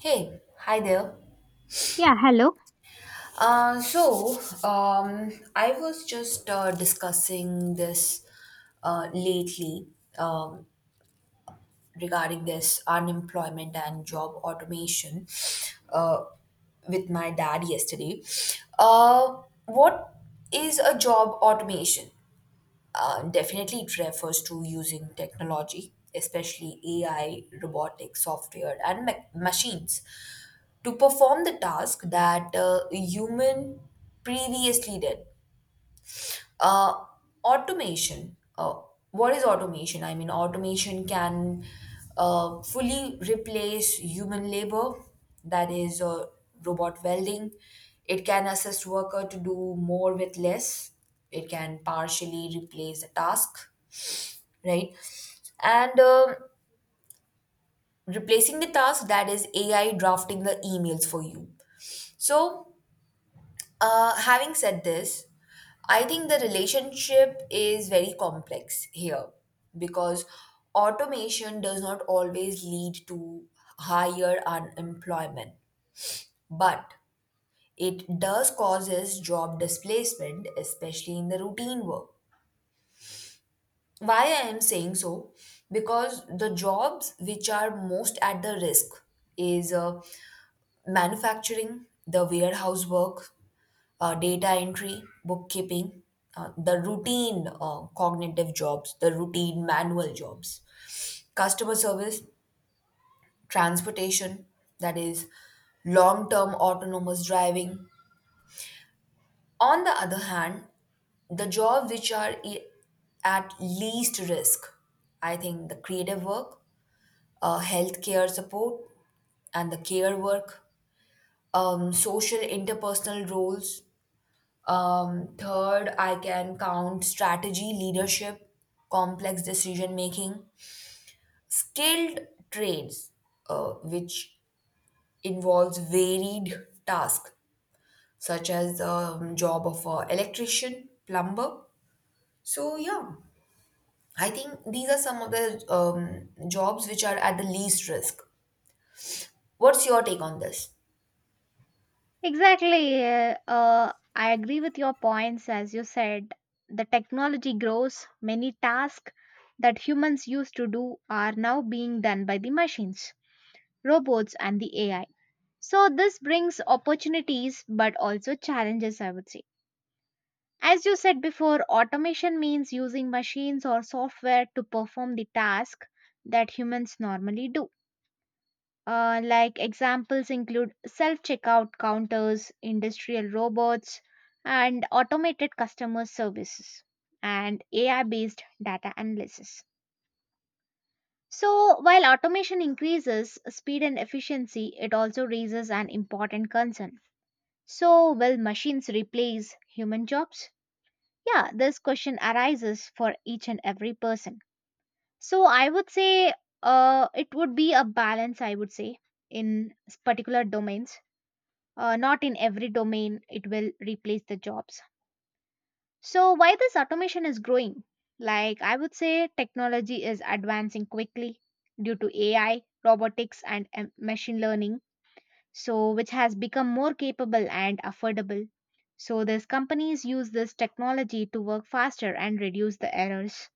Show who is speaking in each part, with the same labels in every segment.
Speaker 1: Hey, hi there.
Speaker 2: Yeah, hello.
Speaker 1: Uh, so, I was just discussing this lately, um, regarding this unemployment and job automation, uh, with my dad yesterday. What is a job automation? Definitely, it refers to using technology, especially AI, robotics, software, and machines, to perform the task that a human previously did. Uh, automation. What is automation? I mean, automation can fully replace human labor, that is, robot welding. It can assist worker to do more with less. It can partially replace the task, right? And Replacing the task, that is AI drafting the emails for you. So, having said this, I think the relationship is very complex here because automation does not always lead to higher unemployment, but it does causes job displacement, especially in the routine work. Why I am saying so? Because the jobs which are most at the risk is manufacturing, the warehouse work, data entry, bookkeeping, the routine cognitive jobs, the routine manual jobs, customer service, transportation, that is long term autonomous driving. On the other hand, the jobs which are at least risk, I think the creative work, healthcare support and the care work, social interpersonal roles. Third, I can count strategy, leadership, complex decision making, skilled trades, which involves varied tasks such as the job of an electrician, plumber. So, yeah, I think these are some of the jobs which are at the least risk. What's your take on this?
Speaker 2: Exactly. I agree with your points. As you said, the technology grows. Many tasks that humans used to do are now being done by the machines, robots, and the AI. So this brings opportunities but also challenges, I would say. As you said before, automation means using machines or software to perform the task that humans normally do. Like examples include self checkout counters, industrial robots, and automated customer services, and AI based data analysis. So while automation increases speed and efficiency, it also raises an important concern. So will machines replace human jobs? Yeah, this question arises for each and every person. So I would say it would be a balance, I would say, in particular domains. Not in every domain it will replace the jobs. So why this automation is growing? Like, I would say technology is advancing quickly due to AI, robotics, and machine learning, so which has become more capable and affordable. So these companies use this technology to work faster and reduce the errors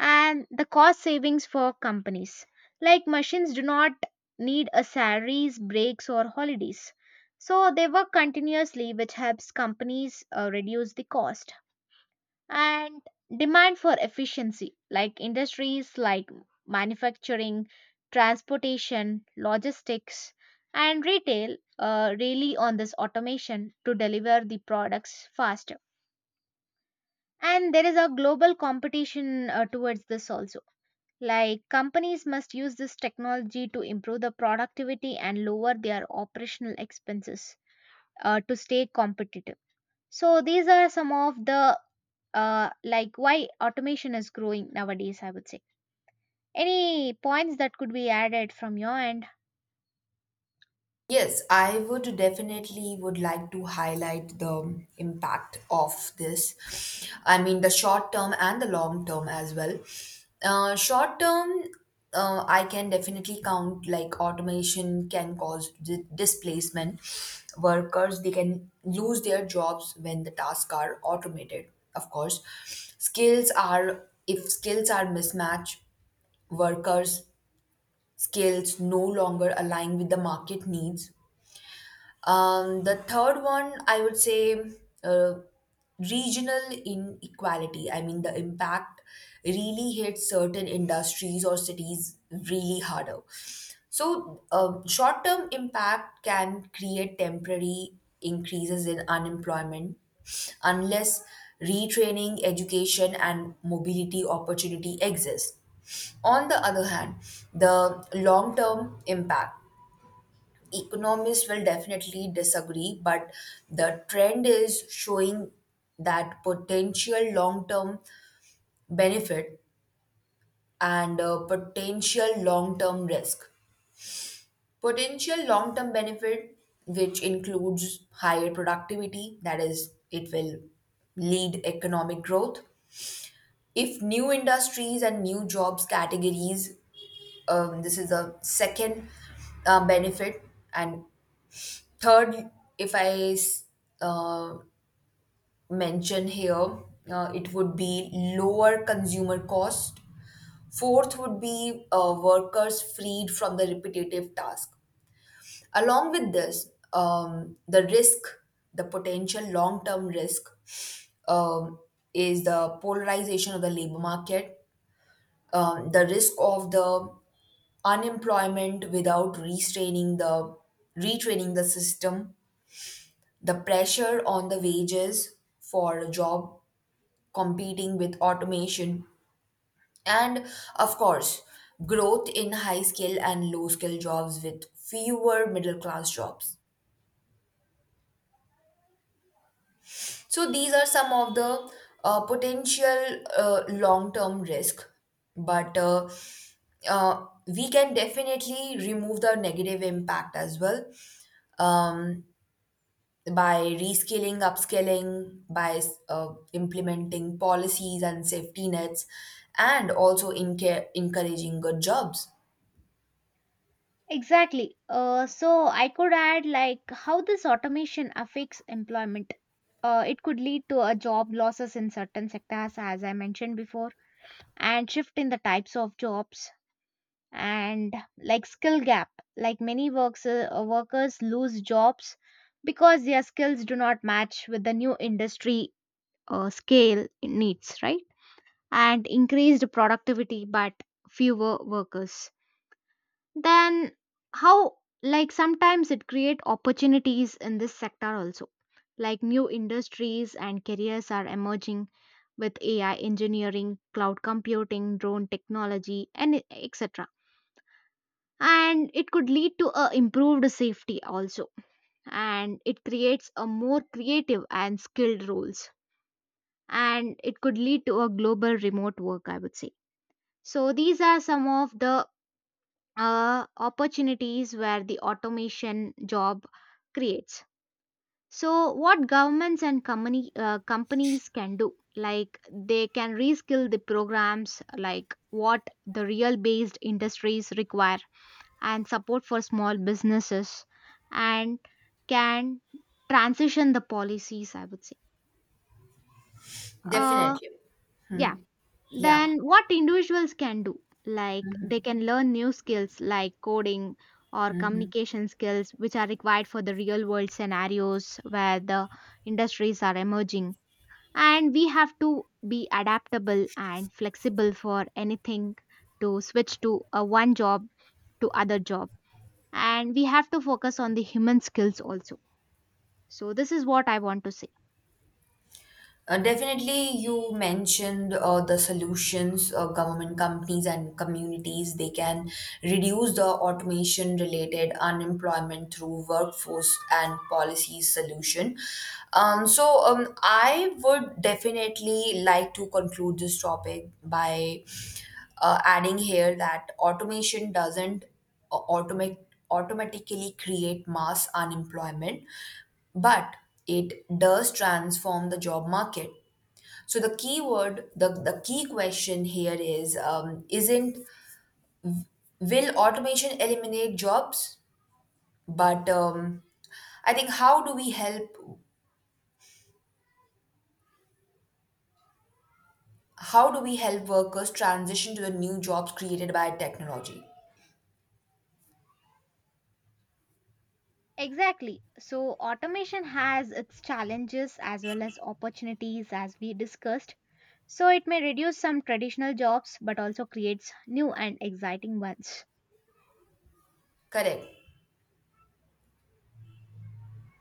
Speaker 2: and the cost savings for companies. Like machines do not need a salaries, breaks or holidays. So they work continuously which helps companies reduce the cost and demand for efficiency like industries like manufacturing, transportation, logistics and retail really on this automation to deliver the products faster, and there is a global competition towards this also, like companies must use this technology to improve the productivity and lower their operational expenses to stay competitive. So these are some of the like why automation is growing nowadays, I would say. Any points that could be added from your end?
Speaker 1: Yes, I would definitely would like to highlight the impact of this. I mean, the short term and the long term as well. Short term, I can definitely count like automation can cause displacement. Workers, they can lose their jobs when the tasks are automated. Of course, skills are, if skills are mismatched, workers' skills no longer align with the market needs. The third one, I would say, uh, regional inequality. I mean, the impact really hits certain industries or cities really harder. So, short term impact can create temporary increases in unemployment unless retraining, education, and mobility opportunity exist. On the other hand, the long term impact, economists will definitely disagree, but the trend is showing that potential long term benefit and potential long term risk. Potential long term benefit, which includes higher productivity, that is, it will lead economic growth. If new industries and new jobs categories, this is the second benefit, and third, if I s- uh, mention here, it would be lower consumer cost. Fourth would be workers freed from the repetitive task. Along with this, the risk, the potential long term risk, um, is the polarization of the labor market, the risk of the unemployment without restraining the retraining the system. The pressure on the wages for a job competing with automation, and of course, growth in high skill and low skill jobs with fewer middle class jobs. So these are some of the potential long term risk, but we can definitely remove the negative impact as well. Um, by reskilling, upskilling, by implementing policies and safety nets, and also encouraging good jobs.
Speaker 2: Exactly. So I could add like how this automation affects employment. It could lead to a job losses in certain sectors, as I mentioned before, and shift in the types of jobs, and like skill gap, like many workers lose jobs because their skills do not match with the new industry, scale needs, right? And increased productivity but fewer workers. Then how, like sometimes it create opportunities in this sector also, like new industries and careers are emerging with AI engineering, cloud computing, drone technology and etc. And it could lead to a improved safety also, and it creates a more creative and skilled roles, and it could lead to a global remote work, I would say. So these are some of the opportunities where the automation job creates. So what governments and companies can do, like they can reskill the programs like what the real based industries require and support for small businesses and can transition the policies, I would say. Uh,
Speaker 1: Definitely.
Speaker 2: yeah.
Speaker 1: Yeah.
Speaker 2: Then what individuals can do? Like they can learn new skills like coding or communication skills, which are required for the real world scenarios where the industries are emerging. And we have to be adaptable and flexible for anything to switch to a one job to other job, and we have to focus on the human skills also. So this is what I want to say.
Speaker 1: Definitely, you mentioned the solutions, government companies and communities, they can reduce the automation related unemployment through workforce and policy solution. So I would definitely like to conclude this topic by adding here that automation doesn't au- automa- automatically create mass unemployment, but it does transform the job market. So the key word, the key question here is, isn't, will automation eliminate jobs? But I think, how do we help workers transition to the new jobs created by technology?
Speaker 2: Exactly. So automation has its challenges as well as opportunities, as we discussed. So it may reduce some traditional jobs but also creates new and exciting ones.
Speaker 1: Correct.